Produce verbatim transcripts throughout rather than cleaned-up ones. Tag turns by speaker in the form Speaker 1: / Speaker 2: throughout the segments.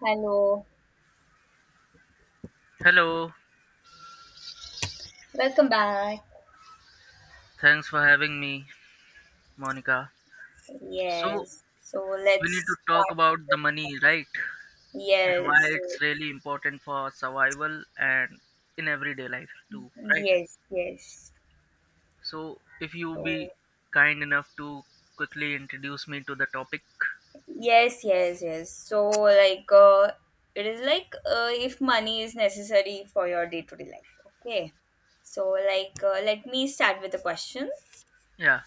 Speaker 1: Hello,
Speaker 2: Hello,
Speaker 1: welcome back.
Speaker 2: thanks for having me, Monica. So,
Speaker 1: Yes, so
Speaker 2: we need to
Speaker 1: let's
Speaker 2: talk
Speaker 1: start.
Speaker 2: about the money, right? And why
Speaker 1: Yes,
Speaker 2: it's really important for survival and in everyday life too, right?
Speaker 1: yes, yes.
Speaker 2: So, if you be
Speaker 1: So,
Speaker 2: kind enough to quickly introduce me to the topic.
Speaker 1: yes, yes, yes. So, like, uh, it is like uh, if money is necessary for your day to day life. Okay. So, like, uh, let me start with a question.
Speaker 2: Yeah,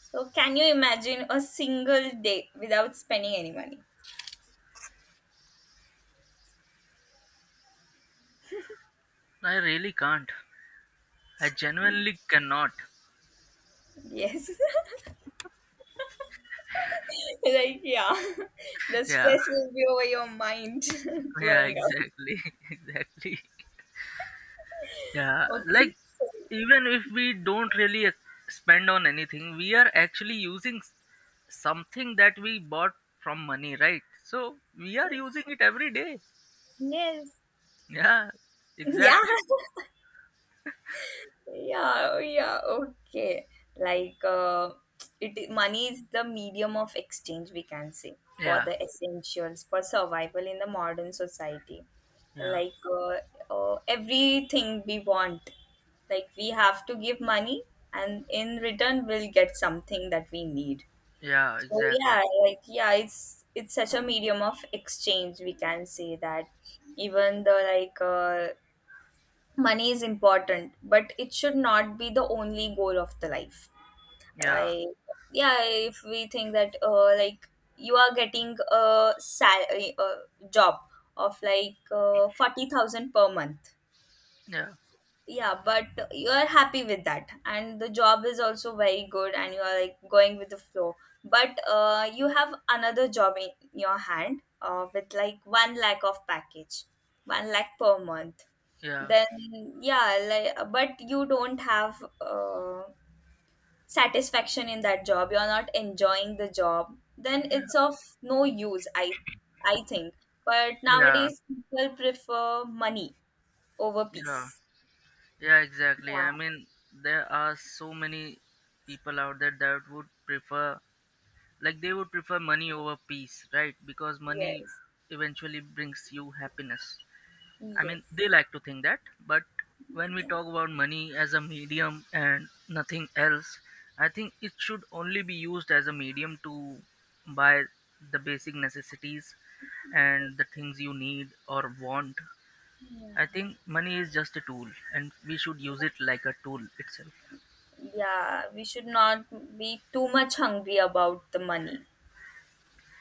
Speaker 1: So, can you imagine a single day without spending any money?
Speaker 2: I really can't. I genuinely cannot.
Speaker 1: Yes. like yeah, the
Speaker 2: Yeah,
Speaker 1: stress will be over your mind
Speaker 2: yeah,
Speaker 1: blowing up.
Speaker 2: exactly, exactly. Yeah,
Speaker 1: Okay,
Speaker 2: like
Speaker 1: so,
Speaker 2: even if we don't really ex- spend on anything, we are actually using s- something that we bought from money, right? So we are
Speaker 1: yes,
Speaker 2: using it every day.
Speaker 1: yes,
Speaker 2: Yeah,
Speaker 1: yeah.
Speaker 2: exactly.
Speaker 1: Yeah, yeah, okay. like uh, it Money is the medium of exchange, we can say, for
Speaker 2: Yeah,
Speaker 1: the essentials for survival in the modern society.
Speaker 2: yeah,
Speaker 1: like uh, uh, Everything we want, like, we have to give money, and in return we'll get something that we need.
Speaker 2: yeah,
Speaker 1: So yeah,
Speaker 2: exactly.
Speaker 1: like, yeah, it's it's such a medium of exchange, we can say, that even the like uh, money is important, but it should not be the only goal of the life.
Speaker 2: Yeah,
Speaker 1: I Yeah, if we think that uh, like, you are getting a sal- a job of like uh, forty thousand per month.
Speaker 2: yeah,
Speaker 1: Yeah, but you are happy with that, and the job is also very good, and you are like going with the flow, but uh, you have another job in your hand, uh, with like one lakh of package, one lakh per month.
Speaker 2: yeah,
Speaker 1: Then, yeah, like, but you don't have uh, satisfaction in that job, you're not enjoying the job, then it's of no use, i i think. But
Speaker 2: yeah,
Speaker 1: nowadays people prefer money over
Speaker 2: yeah,
Speaker 1: peace.
Speaker 2: yeah, exactly.
Speaker 1: Yeah,
Speaker 2: I mean, there are so many people out there that would prefer Like they would prefer money over peace, right? Because money
Speaker 1: yes.
Speaker 2: eventually brings you happiness. I mean,
Speaker 1: Yes.
Speaker 2: they like to think that, but when we
Speaker 1: Yeah.
Speaker 2: talk about money as a medium and nothing else, I think it should only be used as a medium to buy the basic necessities and the things you need or want. I
Speaker 1: Yeah.
Speaker 2: think money is just a tool and we should use it like a tool itself.
Speaker 1: Yeah. We should not be too much hungry about the money.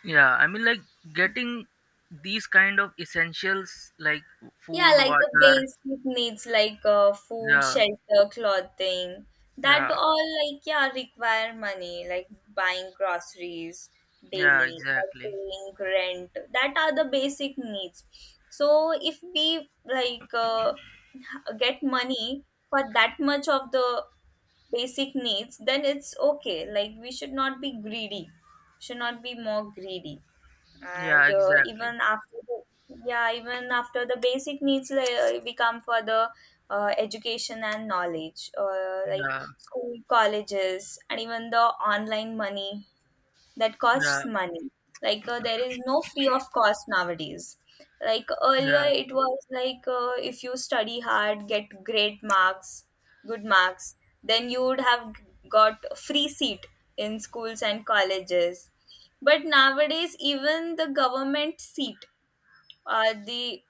Speaker 2: Yeah, I mean, like getting these kind of essentials like
Speaker 1: Yeah,
Speaker 2: food,
Speaker 1: like the
Speaker 2: water.
Speaker 1: basic needs, like uh, food,
Speaker 2: Yeah,
Speaker 1: shelter, clothing. That
Speaker 2: yeah,
Speaker 1: all, like, yeah, require money, like buying groceries
Speaker 2: yeah,
Speaker 1: daily or
Speaker 2: exactly.
Speaker 1: paying rent. That are the basic needs. So if we like uh, h- get money for that much of the basic needs, then it's okay. Like, we should not be greedy, should not be more greedy.
Speaker 2: Yeah,
Speaker 1: And uh,
Speaker 2: exactly.
Speaker 1: even after the, yeah, even after the basic needs, like, uh, we come for the uh, education and knowledge, uh, like
Speaker 2: Yeah,
Speaker 1: school, colleges, and even the online money, that costs
Speaker 2: yeah,
Speaker 1: money. Like uh, there is no free of cost nowadays. Like earlier,
Speaker 2: yeah,
Speaker 1: it was like uh, if you study hard, get great marks, good marks, then you would have got a free seat in schools and colleges. But nowadays, even the government seat, uh, the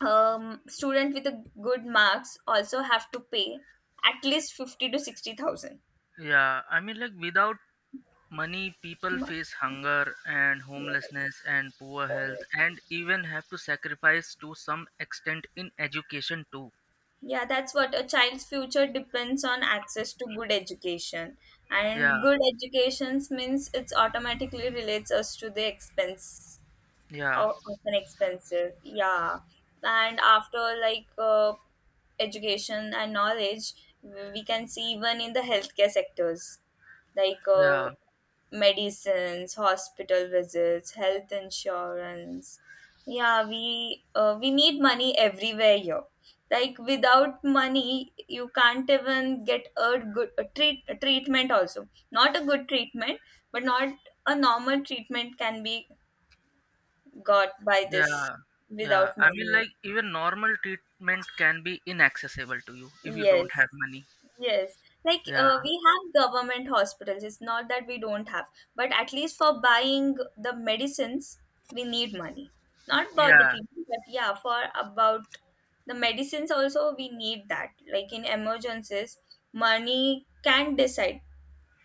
Speaker 1: um, student with the good marks also have to pay at least fifty to sixty thousand.
Speaker 2: yeah. I mean, like without money, people
Speaker 1: Yes.
Speaker 2: face hunger and
Speaker 1: Yes.
Speaker 2: homelessness and poor health, and even have to sacrifice to some extent in education too.
Speaker 1: Yeah, that's what, a child's future depends on access to good education. And
Speaker 2: Yeah,
Speaker 1: good education means it's automatically relates us to the expense,
Speaker 2: yeah,
Speaker 1: o- often expensive. Yeah. And after like uh, education and knowledge, we can see even in the healthcare sectors, like
Speaker 2: yeah.
Speaker 1: uh, medicines, hospital visits, health insurance. Yeah, we uh, we need money everywhere here. Like without money you can't even get a good a treat a treatment, also not a good treatment, but not, a normal treatment can be got by this
Speaker 2: Yeah, yeah.
Speaker 1: without
Speaker 2: I mean,
Speaker 1: money.
Speaker 2: like even normal treatment can be inaccessible to you if you
Speaker 1: Yes,
Speaker 2: don't have money.
Speaker 1: yes. Like
Speaker 2: Yeah,
Speaker 1: uh, we have government hospitals. It's not that we don't have, but at least for buying the medicines, we need money. Not about the
Speaker 2: yeah,
Speaker 1: treatment, but yeah, for about the medicines also we need that. Like in emergencies, money can decide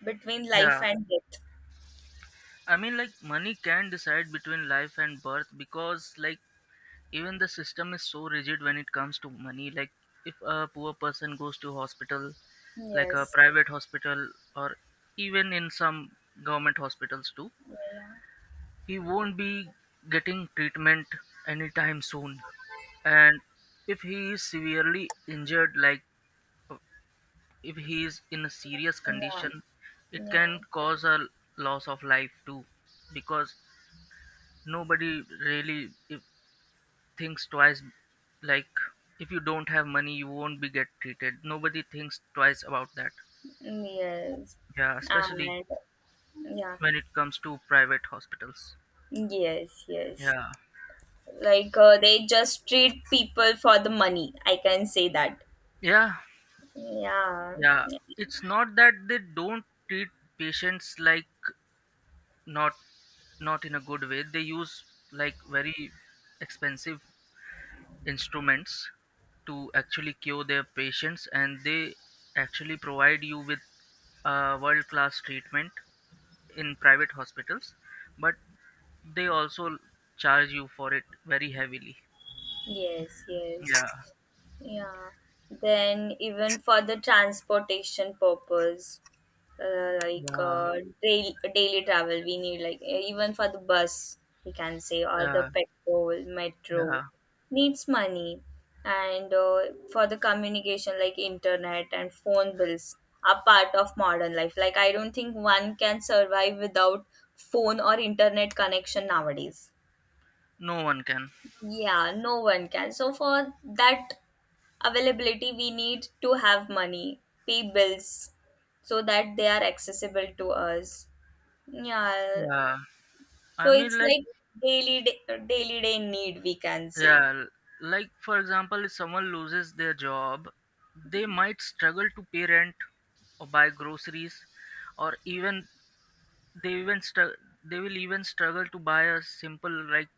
Speaker 1: between life
Speaker 2: yeah.
Speaker 1: and death.
Speaker 2: I mean, like money can decide between life and birth because, like, even the system is so rigid when it comes to money. Like, if a poor person goes to hospital, like a
Speaker 1: Yes.
Speaker 2: private hospital or even in some government hospitals too,
Speaker 1: Yeah.
Speaker 2: he won't be getting treatment anytime soon, and if he is severely injured like uh, if he is in a serious
Speaker 1: Yeah.
Speaker 2: condition,
Speaker 1: Yeah,
Speaker 2: it
Speaker 1: yeah,
Speaker 2: can cause a loss of life too because nobody really if, thinks twice. Like, if you don't have money, you won't be get treated. Nobody thinks twice about that.
Speaker 1: yes,
Speaker 2: Yeah, especially
Speaker 1: and yeah.
Speaker 2: when it comes to private hospitals.
Speaker 1: Yes, yes.
Speaker 2: Yeah.
Speaker 1: Like uh, they just treat people for the money, I can say that.
Speaker 2: Yeah.
Speaker 1: Yeah.
Speaker 2: Yeah, it's not that they don't treat patients like not, not in a good way. They use like very expensive instruments to actually cure their patients, and they actually provide you with uh, world class treatment in private hospitals, but they also charge you for it very heavily.
Speaker 1: Yes, yes.
Speaker 2: Yeah.
Speaker 1: Yeah. Then even for the transportation purpose, uh, like
Speaker 2: Yeah.
Speaker 1: uh, daily, daily travel, we need, like uh, even for the bus, we can say, or the
Speaker 2: Yeah.
Speaker 1: petrol,
Speaker 2: Yeah,
Speaker 1: metro, needs money. And uh, for the communication, like internet and phone bills, are part of modern life. Like, I don't think one can survive without phone or internet connection nowadays.
Speaker 2: no one can.
Speaker 1: Yeah, no one can. So for that availability, we need to have money, pay bills, so that they are accessible to us. Yeah,
Speaker 2: Yeah,
Speaker 1: so
Speaker 2: I mean,
Speaker 1: it's
Speaker 2: like
Speaker 1: like daily day, daily day need, we can say.
Speaker 2: yeah, l- like for example, if someone loses their job, they might struggle to pay rent or buy groceries, or even they even str- they will even struggle to buy a simple like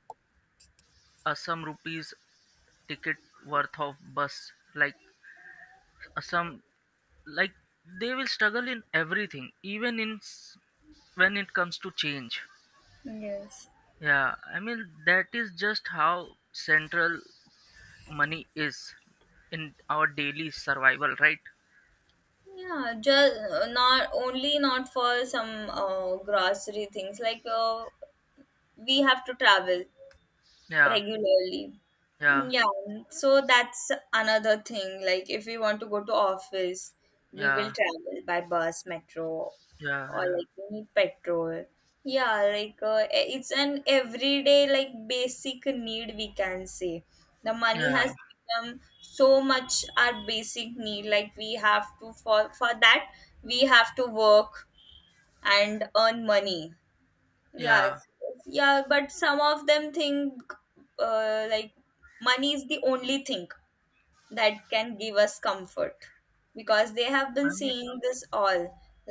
Speaker 2: a some rupees ticket worth of bus, like a some like they will struggle in everything, even in s- when it comes to change.
Speaker 1: Yes.
Speaker 2: Yeah, I mean that is just how central money is in our daily survival, right?
Speaker 1: Yeah, just uh, not only, not for some uh, grocery things, like uh, we have to travel
Speaker 2: Yeah,
Speaker 1: regularly.
Speaker 2: yeah,
Speaker 1: Yeah, so that's another thing. Like if we want to go to office, we will
Speaker 2: yeah,
Speaker 1: travel by bus, metro,
Speaker 2: yeah,
Speaker 1: or
Speaker 2: yeah,
Speaker 1: like we need petrol. Yeah, like uh, e- it's an everyday like basic need, we can say. The money
Speaker 2: yeah,
Speaker 1: has become so much our basic need. Like, we have to, for for that we have to work and earn money. Yeah,
Speaker 2: yeah.
Speaker 1: it's- it's- yeah, but some of them think uh, like, money is the only thing that can give us comfort, because they have been
Speaker 2: I mean,
Speaker 1: seeing this all,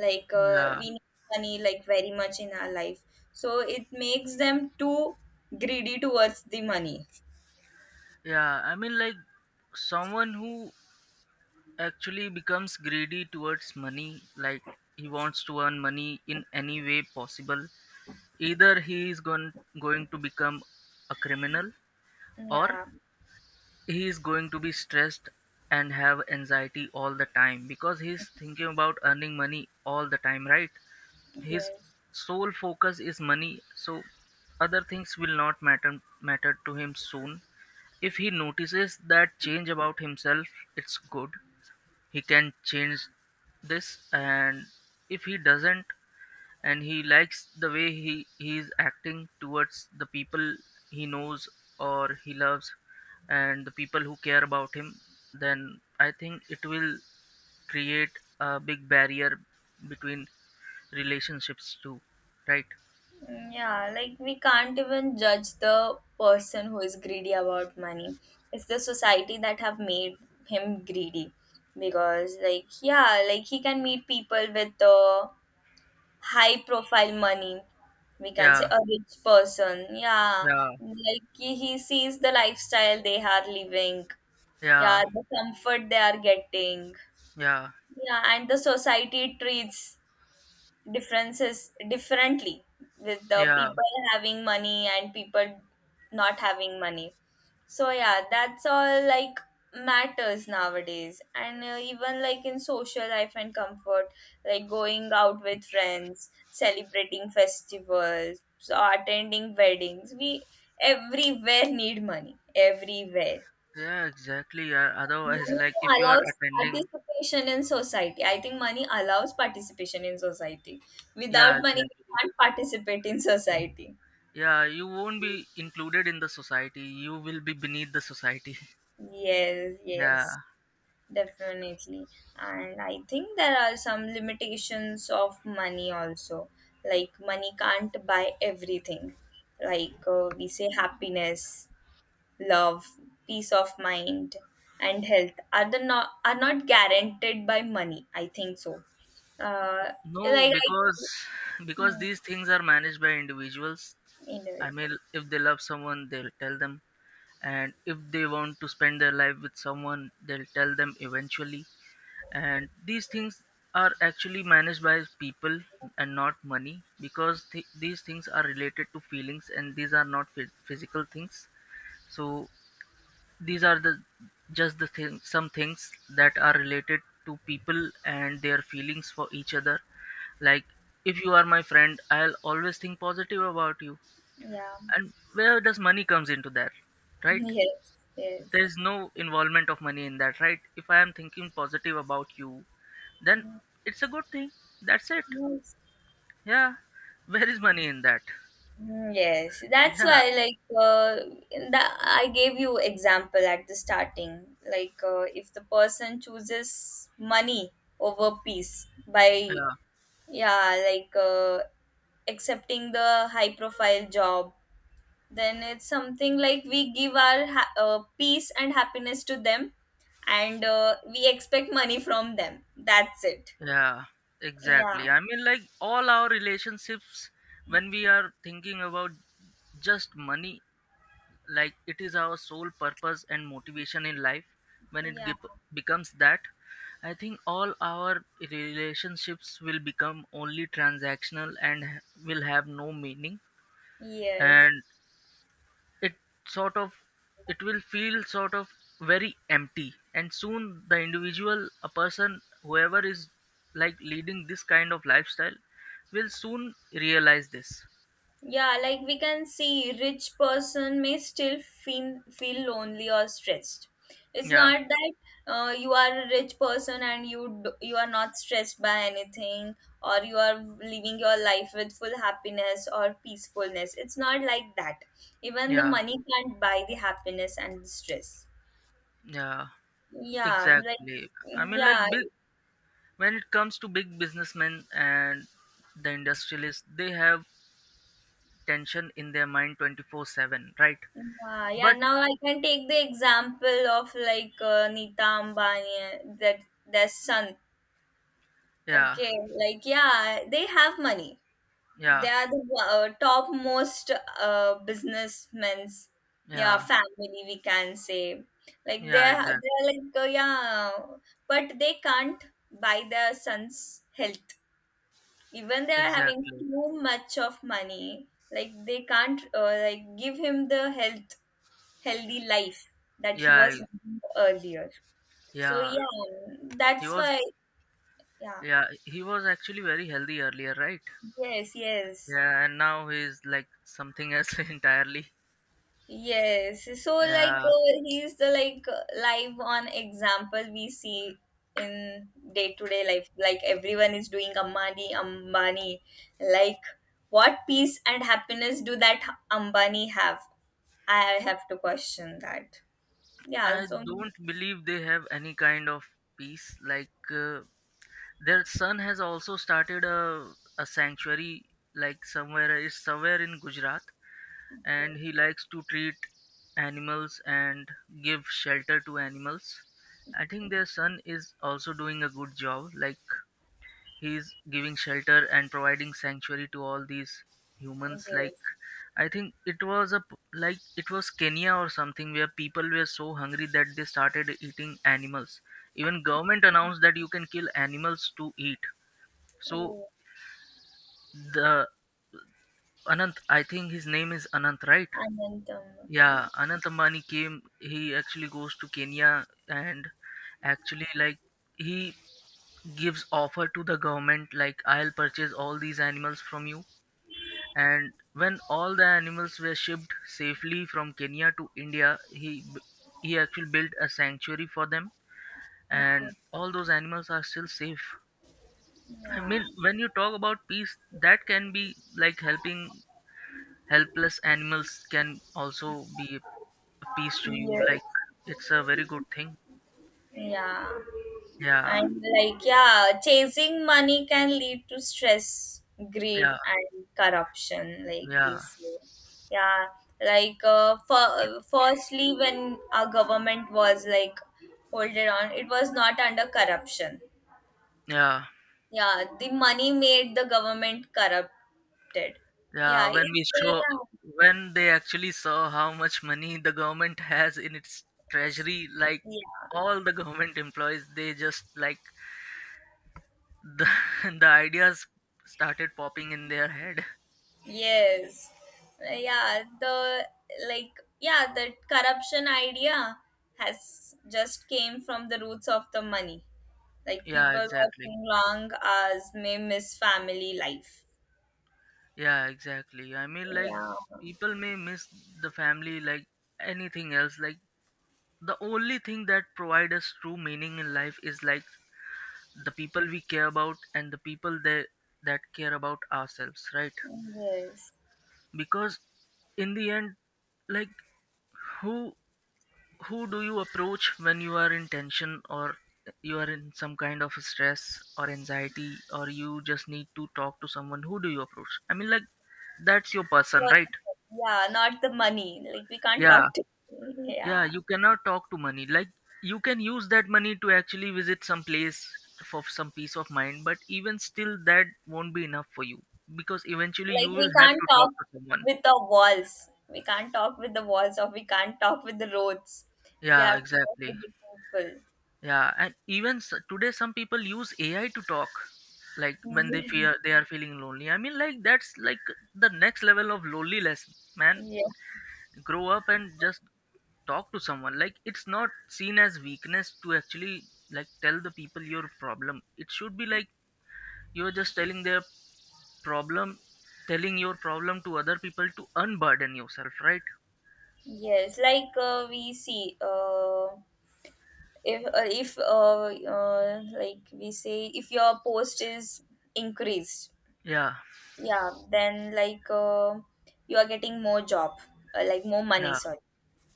Speaker 1: like uh,
Speaker 2: yeah,
Speaker 1: we need money like very much in our life. So it makes them too greedy towards the money.
Speaker 2: yeah. I mean, like someone who actually becomes greedy towards money, like he wants to earn money in any way possible. Either he is going going to become a criminal, or
Speaker 1: Yeah,
Speaker 2: he is going to be stressed and have anxiety all the time because he's thinking about earning money all the time, right? His
Speaker 1: yes.
Speaker 2: sole focus is money, so other things will not matter matter to him soon. If he notices that change about himself, it's good, he can change this, and if he doesn't, and he likes the way he he is acting towards the people he knows or he loves and the people who care about him, then I think it will create a big barrier between relationships too, right?
Speaker 1: Mm, yeah, like, we can't even judge the person who is greedy about money. It's the society that have made him greedy, because like, yeah, like he can meet people with uh, high profile money. We can say
Speaker 2: Yeah,
Speaker 1: a rich person. Yeah,
Speaker 2: yeah,
Speaker 1: like he, he sees the lifestyle they are living.
Speaker 2: yeah,
Speaker 1: Yeah, the comfort they are getting.
Speaker 2: yeah,
Speaker 1: Yeah, and the society treats differences differently with the
Speaker 2: yeah,
Speaker 1: people having money and people not having money. So yeah, that's all like matters nowadays. And uh, even like in social life and comfort, like going out with friends, celebrating festivals, or attending weddings, we everywhere need money, everywhere.
Speaker 2: yeah, exactly. Yeah, otherwise
Speaker 1: Money
Speaker 2: like if you are
Speaker 1: allows
Speaker 2: attending,
Speaker 1: participation in society. I think money allows participation in society.
Speaker 2: yeah,
Speaker 1: Without money, we
Speaker 2: exactly,
Speaker 1: can't participate in society.
Speaker 2: yeah, you won't be included in the society, you will be beneath the society.
Speaker 1: Yes,
Speaker 2: Yeah.
Speaker 1: yes, definitely. And I think there are some limitations of money also. Like, money can't buy everything. Like, uh, we say happiness, love, peace of mind, and health are the, not are not guaranteed by money, I think so. Uh,
Speaker 2: No,
Speaker 1: like I,
Speaker 2: because because
Speaker 1: yeah,
Speaker 2: these things are managed by individuals. I mean,
Speaker 1: individual.
Speaker 2: if they love someone, they'll tell them, and if they want to spend their life with someone, they'll tell them eventually. And these things are actually managed by people and not money because th- these things are related to feelings and these are not phy- physical things. So these are the just the thing, some things that are related to people and their feelings for each other like, if you are my friend, I'll always think positive about you.
Speaker 1: Yeah.
Speaker 2: And where does money comes into that, right?
Speaker 1: Yes. Yes.
Speaker 2: There's no involvement of money in that, right? If I am thinking positive about you, then it's a good thing. That's it.
Speaker 1: Yes.
Speaker 2: Yeah. Where is money in that?
Speaker 1: Mm, yes, that's
Speaker 2: Yeah.
Speaker 1: why like uh, the, I gave you example at the starting. Like uh, if the person chooses money over peace by,
Speaker 2: Yeah.
Speaker 1: yeah, like uh, accepting the high profile job, then it's something like we give our ha- uh, peace and happiness to them, and uh, we expect money from them, that's it.
Speaker 2: Yeah,
Speaker 1: Yeah,
Speaker 2: exactly. I mean, like all our relationships, when we are thinking about just money, like it is our sole purpose and motivation in life, when it
Speaker 1: yeah,
Speaker 2: gep- becomes that, I think all our relationships will become only transactional and h- will have no meaning,
Speaker 1: yes.
Speaker 2: and it sort of, it will feel sort of very empty, and soon the individual, a person whoever is like leading this kind of lifestyle will soon realize this.
Speaker 1: Yeah, like we can see, rich person may still feel feel lonely or stressed. It's
Speaker 2: Yeah,
Speaker 1: not that uh, you are a rich person and you d- you are not stressed by anything, or you are living your life with full happiness or peacefulness. It's not like that. Even the
Speaker 2: yeah,
Speaker 1: money can't buy the happiness and the stress.
Speaker 2: yeah,
Speaker 1: Yeah, like,
Speaker 2: exactly. I mean, like
Speaker 1: yeah,
Speaker 2: big when it comes to big businessmen and the industrialists, they have tension in their mind twenty four seven, right?
Speaker 1: yeah, yeah.
Speaker 2: But
Speaker 1: Now I can take the example of like uh, Nita Ambani, that their son.
Speaker 2: yeah,
Speaker 1: Okay, like, yeah, they have money. They
Speaker 2: yeah,
Speaker 1: are the uh, top most uh, businessmen's, yeah,
Speaker 2: yeah,
Speaker 1: family we can say. Like,
Speaker 2: yeah,
Speaker 1: they're
Speaker 2: exactly,
Speaker 1: they're like uh, yeah, but they can't buy their son's health. Even they are having
Speaker 2: exactly,
Speaker 1: too much of money, like they can't, uh, like, give him the health healthy life that he
Speaker 2: yeah
Speaker 1: was
Speaker 2: I-
Speaker 1: earlier. So
Speaker 2: yeah
Speaker 1: yeah,
Speaker 2: he
Speaker 1: that's
Speaker 2: was.
Speaker 1: why, yeah,
Speaker 2: Yeah, he was actually very healthy earlier, right?
Speaker 1: yes, yes.
Speaker 2: Yeah, and now he's like something else entirely.
Speaker 1: Yes. So like
Speaker 2: Yeah,
Speaker 1: uh, he's the like uh, live on example we see in day to day life. Like, everyone is doing Ambani, Ambani. Like, what peace and happiness do that Ambani have? I have to question that. Yeah.
Speaker 2: I
Speaker 1: So
Speaker 2: don't believe they have any kind of peace. Like, uh, their son has also started a, a sanctuary like somewhere, it's somewhere in Gujarat, and he likes to treat animals and give shelter to animals. I think their son is also doing a good job, like he's giving shelter and providing sanctuary to all these humans like
Speaker 1: yes.
Speaker 2: I think it was a p- like it was Kenya or something where people were so hungry that they started eating animals. Even government announced that you can kill animals to eat, so
Speaker 1: Oh,
Speaker 2: the Anant, I think his name is Anant, right?
Speaker 1: Anantam.
Speaker 2: Yeah,
Speaker 1: Yeah.
Speaker 2: Anant Ambani came. He actually goes to Kenya and actually like he gives offer to the government like I'll purchase all these animals from you. And when all the animals were shipped safely from Kenya to India, he b- he actually built a sanctuary for them, and
Speaker 1: Okay.
Speaker 2: all those animals are still safe. I
Speaker 1: Yeah.
Speaker 2: mean, when you talk about peace, that can be like helping helpless animals can also be a piece to you like
Speaker 1: Yes.
Speaker 2: it's a very good thing.
Speaker 1: Yeah.
Speaker 2: Yeah,
Speaker 1: And like, yeah, chasing money can lead to stress, greed,
Speaker 2: yeah,
Speaker 1: and corruption, like we
Speaker 2: yeah,
Speaker 1: say. Yeah, like, uh, for, firstly, when our government was like, hold it on, it was not under corruption.
Speaker 2: yeah,
Speaker 1: Yeah, the money made the government corrupted.
Speaker 2: yeah,
Speaker 1: Yeah,
Speaker 2: when
Speaker 1: it,
Speaker 2: we show
Speaker 1: yeah.
Speaker 2: when they actually saw how much money the government has in its treasury, like
Speaker 1: Yes.
Speaker 2: all the government employees, they just like the, the ideas started popping in their head.
Speaker 1: Yes. Uh, Yeah, the, like, yeah, the corruption idea has just came from the roots of the money. Like,
Speaker 2: Yeah,
Speaker 1: people
Speaker 2: exactly.
Speaker 1: watching long hours may miss family life.
Speaker 2: Yeah, exactly, I mean, like
Speaker 1: Yeah.
Speaker 2: people may miss the family like anything else, like the only thing that provide us true meaning in life is like the people we care about and the people that that care about ourselves, right?
Speaker 1: Yes.
Speaker 2: Because in the end, like who who do you approach when you are in tension, or you are in some kind of stress or anxiety, or you just need to talk to someone, who do you approach, I mean like that's your person,
Speaker 1: Well,
Speaker 2: right?
Speaker 1: yeah, not the money. Like, we can't
Speaker 2: Yeah.
Speaker 1: talk to,
Speaker 2: Yeah,
Speaker 1: yeah.
Speaker 2: you cannot talk to money. Like you can use that money to actually visit some place for some peace of mind, but even still that won't be enough for you because eventually you
Speaker 1: Like, we
Speaker 2: will have
Speaker 1: can't
Speaker 2: to talk
Speaker 1: talk
Speaker 2: to someone.
Speaker 1: with the walls. We can't talk with the walls or we can't talk with the roads. We
Speaker 2: Yeah,
Speaker 1: have to talk
Speaker 2: exactly.
Speaker 1: with the people.
Speaker 2: Yeah, and even s- today some people use A I to talk like when they fear they are feeling lonely. I mean like that's like the next level of loneliness, man.
Speaker 1: Yeah.
Speaker 2: Grow up and just talk to someone, like it's not seen as weakness to actually like tell the people your problem, it should be like you're just telling their problem, telling your problem to other people to unburden yourself, right?
Speaker 1: Yes, like, uh, we see, uh, if uh, if uh, uh, like we say, if your post is increased,
Speaker 2: Yeah,
Speaker 1: yeah, then like uh, you are getting more job, uh, like more money,
Speaker 2: yeah,
Speaker 1: sorry,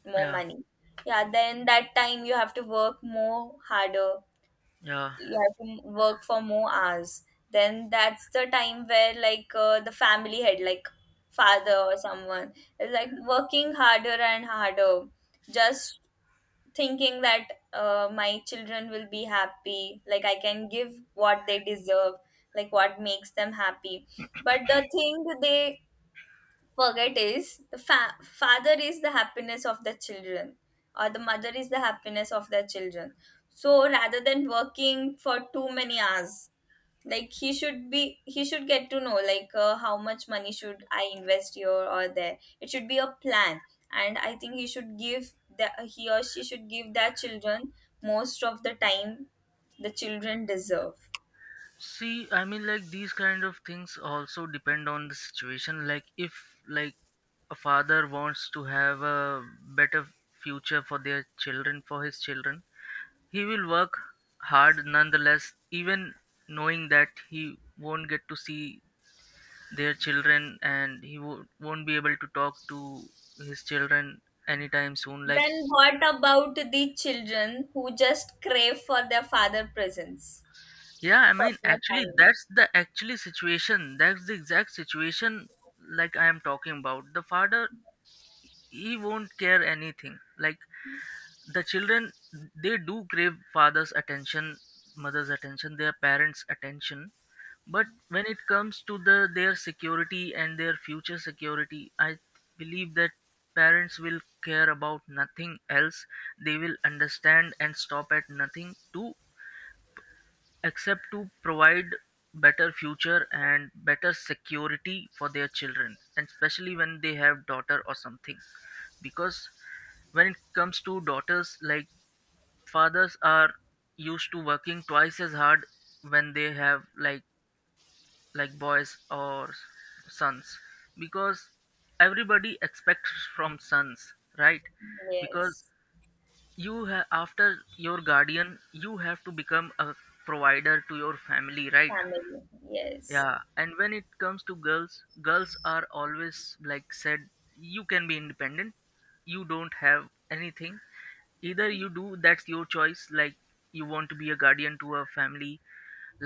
Speaker 1: more
Speaker 2: yeah,
Speaker 1: money. Yeah, then that time you have to work more harder.
Speaker 2: yeah,
Speaker 1: You have to work for more hours. Then that's the time where like uh, the family head, like father or someone, is like working harder and harder just thinking that uh, my children will be happy, like I can give what they deserve, like what makes them happy. But the thing they forget is the fa- father is the happiness of the children, or the mother is the happiness of their children. So rather than working for too many hours, like he should be he should get to know like, uh, how much money should I invest here or there? It should be a plan. And I think he should give, that he or she should give their children most of the time the children deserve.
Speaker 2: see I mean like these kind of things also depend on the situation like if like a father wants to have a better future for their children for his children, he will work hard nonetheless, even knowing that he won't get to see their children and he wo- won't be able to talk to his children anytime soon. Like,
Speaker 1: Then what about the children who just crave for their father presence,
Speaker 2: yeah, I
Speaker 1: for
Speaker 2: mean,
Speaker 1: their
Speaker 2: actually,
Speaker 1: time?
Speaker 2: that's the actually situation. That's the exact situation like I am talking about. The father, he won't care anything. Like the children, they do crave father's attention, mother's attention, their parents' attention. But when it comes to the their security and their future security, I believe that parents will care about nothing else. They will understand and stop at nothing to accept to provide better future and better security for their children, and especially when they have daughter or something. Because when it comes to daughters, like, fathers are used to working twice as hard when they have, like, like boys or sons, because everybody expects from sons, right? Because
Speaker 1: Yes.
Speaker 2: you ha- after your guardian you have to become a provider to your family, right?
Speaker 1: Family. Yes.
Speaker 2: Yeah, and when it comes to girls, girls are always, like, said you can be independent, you don't have anything, either you do, that's your choice. Like, you want to be a guardian to a family,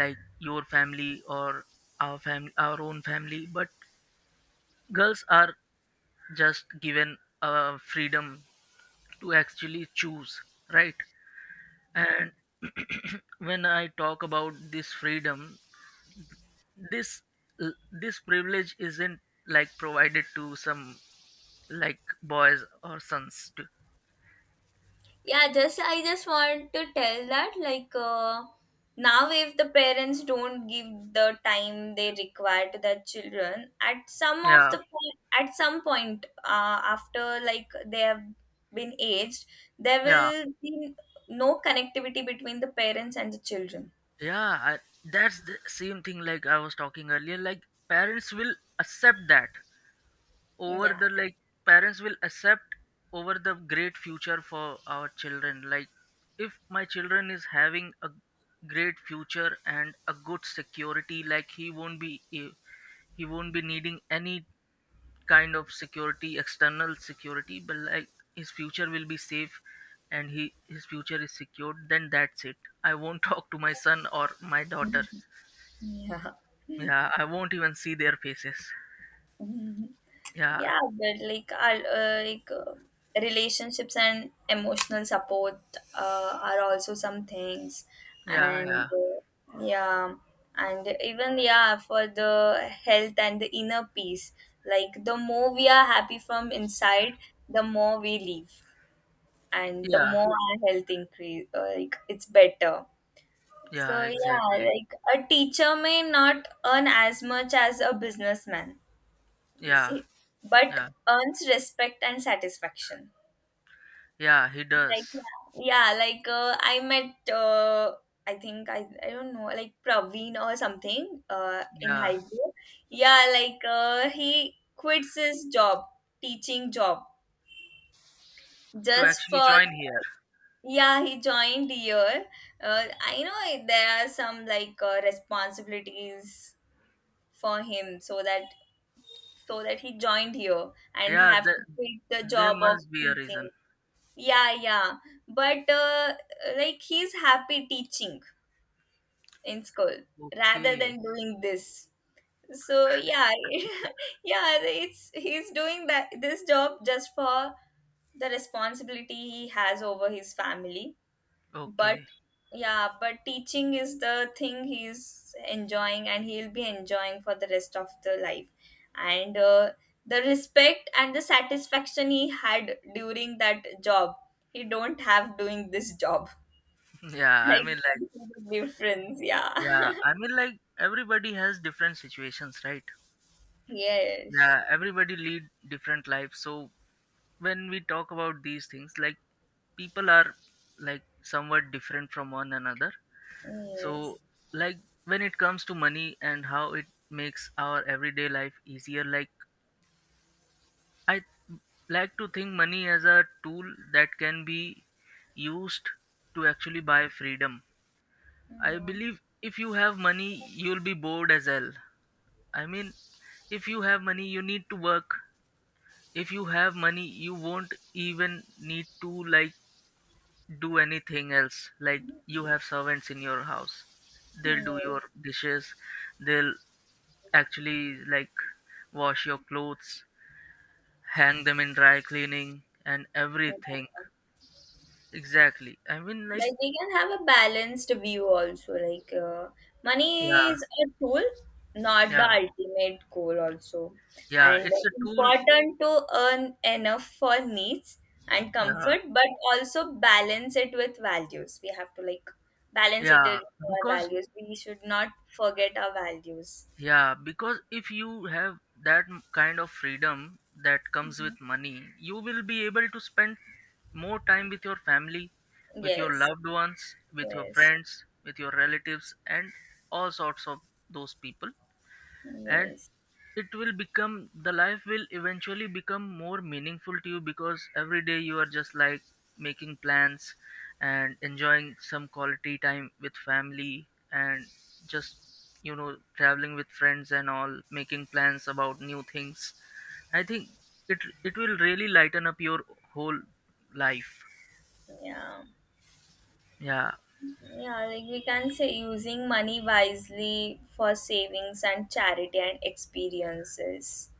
Speaker 2: like your family or our family, our own family. But girls are just given uh, freedom to actually choose, right? And when I talk about this freedom, this this privilege isn't, like, provided to some, like, boys or sons too.
Speaker 1: Yeah, just I just want to tell that like, uh, now if the parents don't give the time they require to their children at some of
Speaker 2: Yeah,
Speaker 1: the point at some point, uh, after like they have been aged, there
Speaker 2: yeah,
Speaker 1: will be no connectivity between the parents and the children.
Speaker 2: yeah. I, that's the same thing, like I was talking earlier. Like, parents will accept that over
Speaker 1: Yeah.
Speaker 2: the, like, parents will accept over the great future for our children. Like, if my children is having a great future and a good security, like, he won't be he won't be needing any kind of security, external security, but like his future will be safe. And he his future is secured, then that's it. I won't talk to my son or my daughter. Yeah, I won't even see their faces.
Speaker 1: Yeah.
Speaker 2: Yeah,
Speaker 1: Yeah, but like, I'll, uh, like uh, relationships and emotional support uh, are also some things,
Speaker 2: yeah,
Speaker 1: and
Speaker 2: yeah,
Speaker 1: uh, yeah, and even yeah, for the health and the inner peace. Like the more we are happy from inside, the more we leave, and the
Speaker 2: yeah,
Speaker 1: more our health increase. Uh, like it's better.
Speaker 2: yeah,
Speaker 1: So yeah,
Speaker 2: exactly.
Speaker 1: like a teacher may not earn as much as a businessman
Speaker 2: Yeah,
Speaker 1: easy, but
Speaker 2: yeah,
Speaker 1: earns respect and satisfaction.
Speaker 2: yeah. He
Speaker 1: Like
Speaker 2: does.
Speaker 1: yeah, yeah, like uh, I met uh, I think I I don't know, like Praveen or something, uh, in
Speaker 2: Yeah,
Speaker 1: high school. Yeah, like uh, he quits his job, teaching job,
Speaker 2: to
Speaker 1: just
Speaker 2: actually
Speaker 1: for,
Speaker 2: join here.
Speaker 1: yeah, he joined here. Uh, I know there are some like uh, responsibilities for him, so that so that he joined here and
Speaker 2: Yeah,
Speaker 1: have to
Speaker 2: the,
Speaker 1: quit the
Speaker 2: there
Speaker 1: job of
Speaker 2: must be a reason.
Speaker 1: teaching. Yeah, yeah. But uh, like he's happy teaching in school rather
Speaker 2: Okay,
Speaker 1: than doing this. So yeah, yeah, it's he's doing that this job just for the responsibility he has over his family. But
Speaker 2: okay.
Speaker 1: yeah, but teaching is the thing he's enjoying, and he'll be enjoying for the rest of the life. And uh, the respect and the satisfaction he had during that job, he don't have doing this job.
Speaker 2: Yeah, I
Speaker 1: Like
Speaker 2: mean, like,
Speaker 1: you, the difference, yeah.
Speaker 2: yeah, I mean, like, everybody has different situations, right?
Speaker 1: Yes.
Speaker 2: Yeah, everybody lead different lives. So when we talk about these things, like, people are, like, somewhat different from one another.
Speaker 1: Yes.
Speaker 2: So, like, when it comes to money and how it makes our everyday life easier, like, I like to think money as a tool that can be used to actually buy freedom. I
Speaker 1: Mm.
Speaker 2: believe if you have money, you'll be bored as hell. I mean, if you have money, you need to work. If you have money, you won't even need to, like, do anything else. Like, you have servants in your house, they'll do
Speaker 1: Yes.
Speaker 2: your dishes, they'll actually, like, wash your clothes, hang them in dry cleaning, and everything.
Speaker 1: Yeah.
Speaker 2: Exactly. I mean, like,
Speaker 1: Like they can have a balanced view also, like uh, money
Speaker 2: yeah,
Speaker 1: is a tool, not
Speaker 2: yeah,
Speaker 1: the ultimate goal also.
Speaker 2: yeah.
Speaker 1: And
Speaker 2: It's a tool.
Speaker 1: important to earn enough for needs and
Speaker 2: Yeah,
Speaker 1: comfort, but also balance it with values. We have to like balance it
Speaker 2: yeah.
Speaker 1: with our
Speaker 2: Because,
Speaker 1: values. We should not forget our values.
Speaker 2: yeah, because if you have that m- kind of freedom that comes with
Speaker 1: Mhm.
Speaker 2: money, you will be able to spend more time with your family, with your
Speaker 1: Yes.
Speaker 2: loved ones, with your
Speaker 1: Yes.
Speaker 2: friends, with your relatives, and all sorts of those people. And
Speaker 1: Yes.
Speaker 2: it will become, the life will eventually become more meaningful to you, because every day you are just, like, making plans and enjoying some quality time with family and just, you know traveling with friends and all, making plans about new things. I think it it will really lighten up your whole life.
Speaker 1: Yeah.
Speaker 2: Yeah,
Speaker 1: Yeah, like we can say using money wisely for savings and charity and experiences.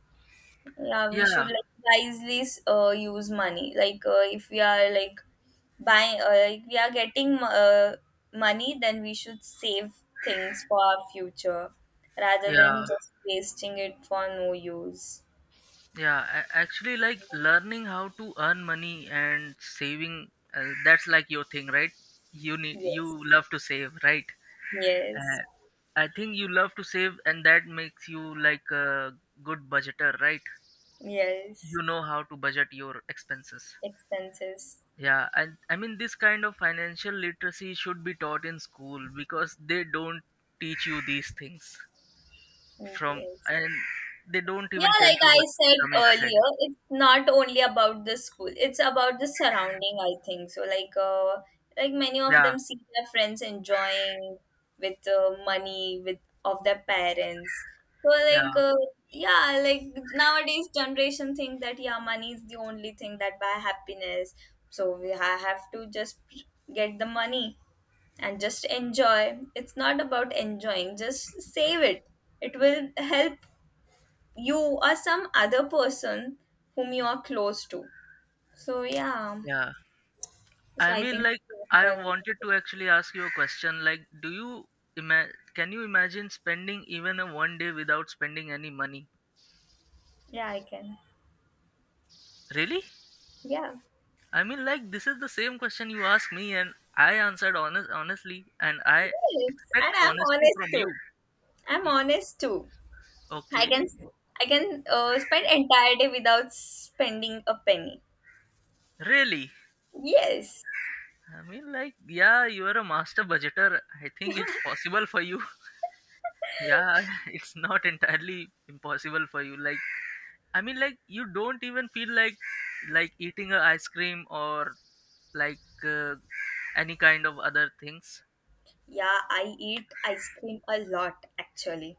Speaker 1: Yeah, we should
Speaker 2: yeah,
Speaker 1: like wisely uh, use money. Like, uh, if we are like buying, uh, like we are getting, uh, money, then we should save things for our future rather than
Speaker 2: yeah.
Speaker 1: just wasting it for no use.
Speaker 2: Yeah, a- actually, like, learning how to earn money and saving, uh, that's like your thing, right? You need, you
Speaker 1: Yes,
Speaker 2: love to save, right?
Speaker 1: yes,
Speaker 2: Uh, I think you love to save, and that makes you like a good budgeter, right?
Speaker 1: yes.
Speaker 2: You know how to budget your expenses.
Speaker 1: Expenses.
Speaker 2: Yeah, and I mean this kind of financial literacy should be taught in school, because they don't teach you these things from,
Speaker 1: Yes.
Speaker 2: and they don't even
Speaker 1: Yeah,
Speaker 2: tell
Speaker 1: like
Speaker 2: you
Speaker 1: I
Speaker 2: what's
Speaker 1: said
Speaker 2: coming ahead.
Speaker 1: earlier, it's not only about the school, it's about the surrounding, I think. So like, uh like many of
Speaker 2: Yeah,
Speaker 1: them see their friends enjoying with, uh, money with of their parents. So
Speaker 2: yeah,
Speaker 1: like, uh, yeah, like nowadays generation think that yeah, money is the only thing that buy happiness. So we ha- have to just get the money and just enjoy. It's not about enjoying, just save it. It will help you or some other person whom you are close to. So yeah,
Speaker 2: yeah. I
Speaker 1: so I
Speaker 2: mean,
Speaker 1: think
Speaker 2: like, I wanted to actually ask you a question. Like, do you ima- can you imagine spending even a one day without spending any money?
Speaker 1: yeah, I can.
Speaker 2: Really?
Speaker 1: Yeah,
Speaker 2: I mean, like, this is the same question you asked me, and I answered honest honestly, and I
Speaker 1: yes,
Speaker 2: expect
Speaker 1: and I'm
Speaker 2: honesty
Speaker 1: honest
Speaker 2: from you.
Speaker 1: too. I'm
Speaker 2: Y-
Speaker 1: honest too. I
Speaker 2: Okay,
Speaker 1: can I can uh, spend entire day without spending a penny.
Speaker 2: really?
Speaker 1: Yes.
Speaker 2: I mean, like, yeah, you are a master budgeter. I think it's possible for you. Yeah, it's not entirely impossible for you. Like, I mean, like, you don't even feel like like eating a ice cream or, like, uh, any kind of other things.
Speaker 1: Yeah, I eat ice cream a lot actually.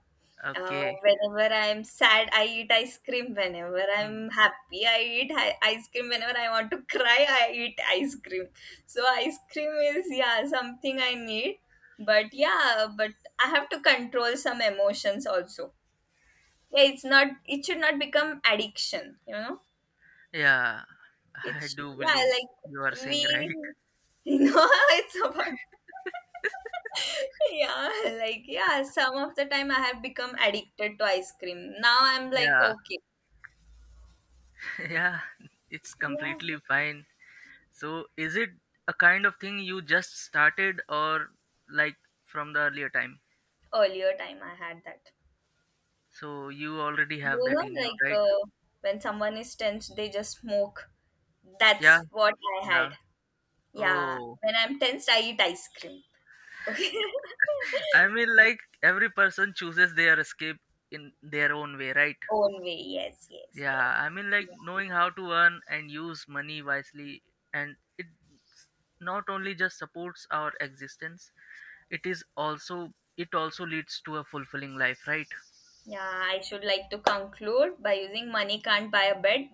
Speaker 1: Uh,
Speaker 2: Okay.
Speaker 1: whenever I'm sad, I eat ice cream. Whenever
Speaker 2: Hmm.
Speaker 1: I'm happy, I eat hi- ice cream. Whenever I want to cry, I eat ice cream. So ice cream is yeah something I need. But yeah, but I have to control some emotions also. Yeah, it's not. It should not become addiction. You know,
Speaker 2: Yeah, I
Speaker 1: it's
Speaker 2: do
Speaker 1: yeah
Speaker 2: believe you are
Speaker 1: like
Speaker 2: saying right.
Speaker 1: we. You know, how it's about yeah like yeah some of the time I have become addicted to ice cream now I'm like
Speaker 2: Yeah,
Speaker 1: okay.
Speaker 2: yeah, it's
Speaker 1: Yeah,
Speaker 2: completely fine. So, is it a kind of thing you just started or, like, from the earlier time?
Speaker 1: earlier time I had that.
Speaker 2: So you already have
Speaker 1: You
Speaker 2: that
Speaker 1: know,
Speaker 2: in you, right?
Speaker 1: like, uh, when someone is tensed, they just smoke.
Speaker 2: Yeah,
Speaker 1: That's what I had.
Speaker 2: yeah.
Speaker 1: Yeah,
Speaker 2: Oh.
Speaker 1: when I'm tensed, I eat ice cream. Okay.
Speaker 2: I mean, like, every person chooses their escape in their own way, right?
Speaker 1: Own way. Yes, yes, yes.
Speaker 2: Yeah, I mean, like, knowing how to earn and use money wisely, and it not only just supports our existence, it is also it also leads to a fulfilling life, right?
Speaker 1: Yeah, I should like to conclude by using money can't buy a bed,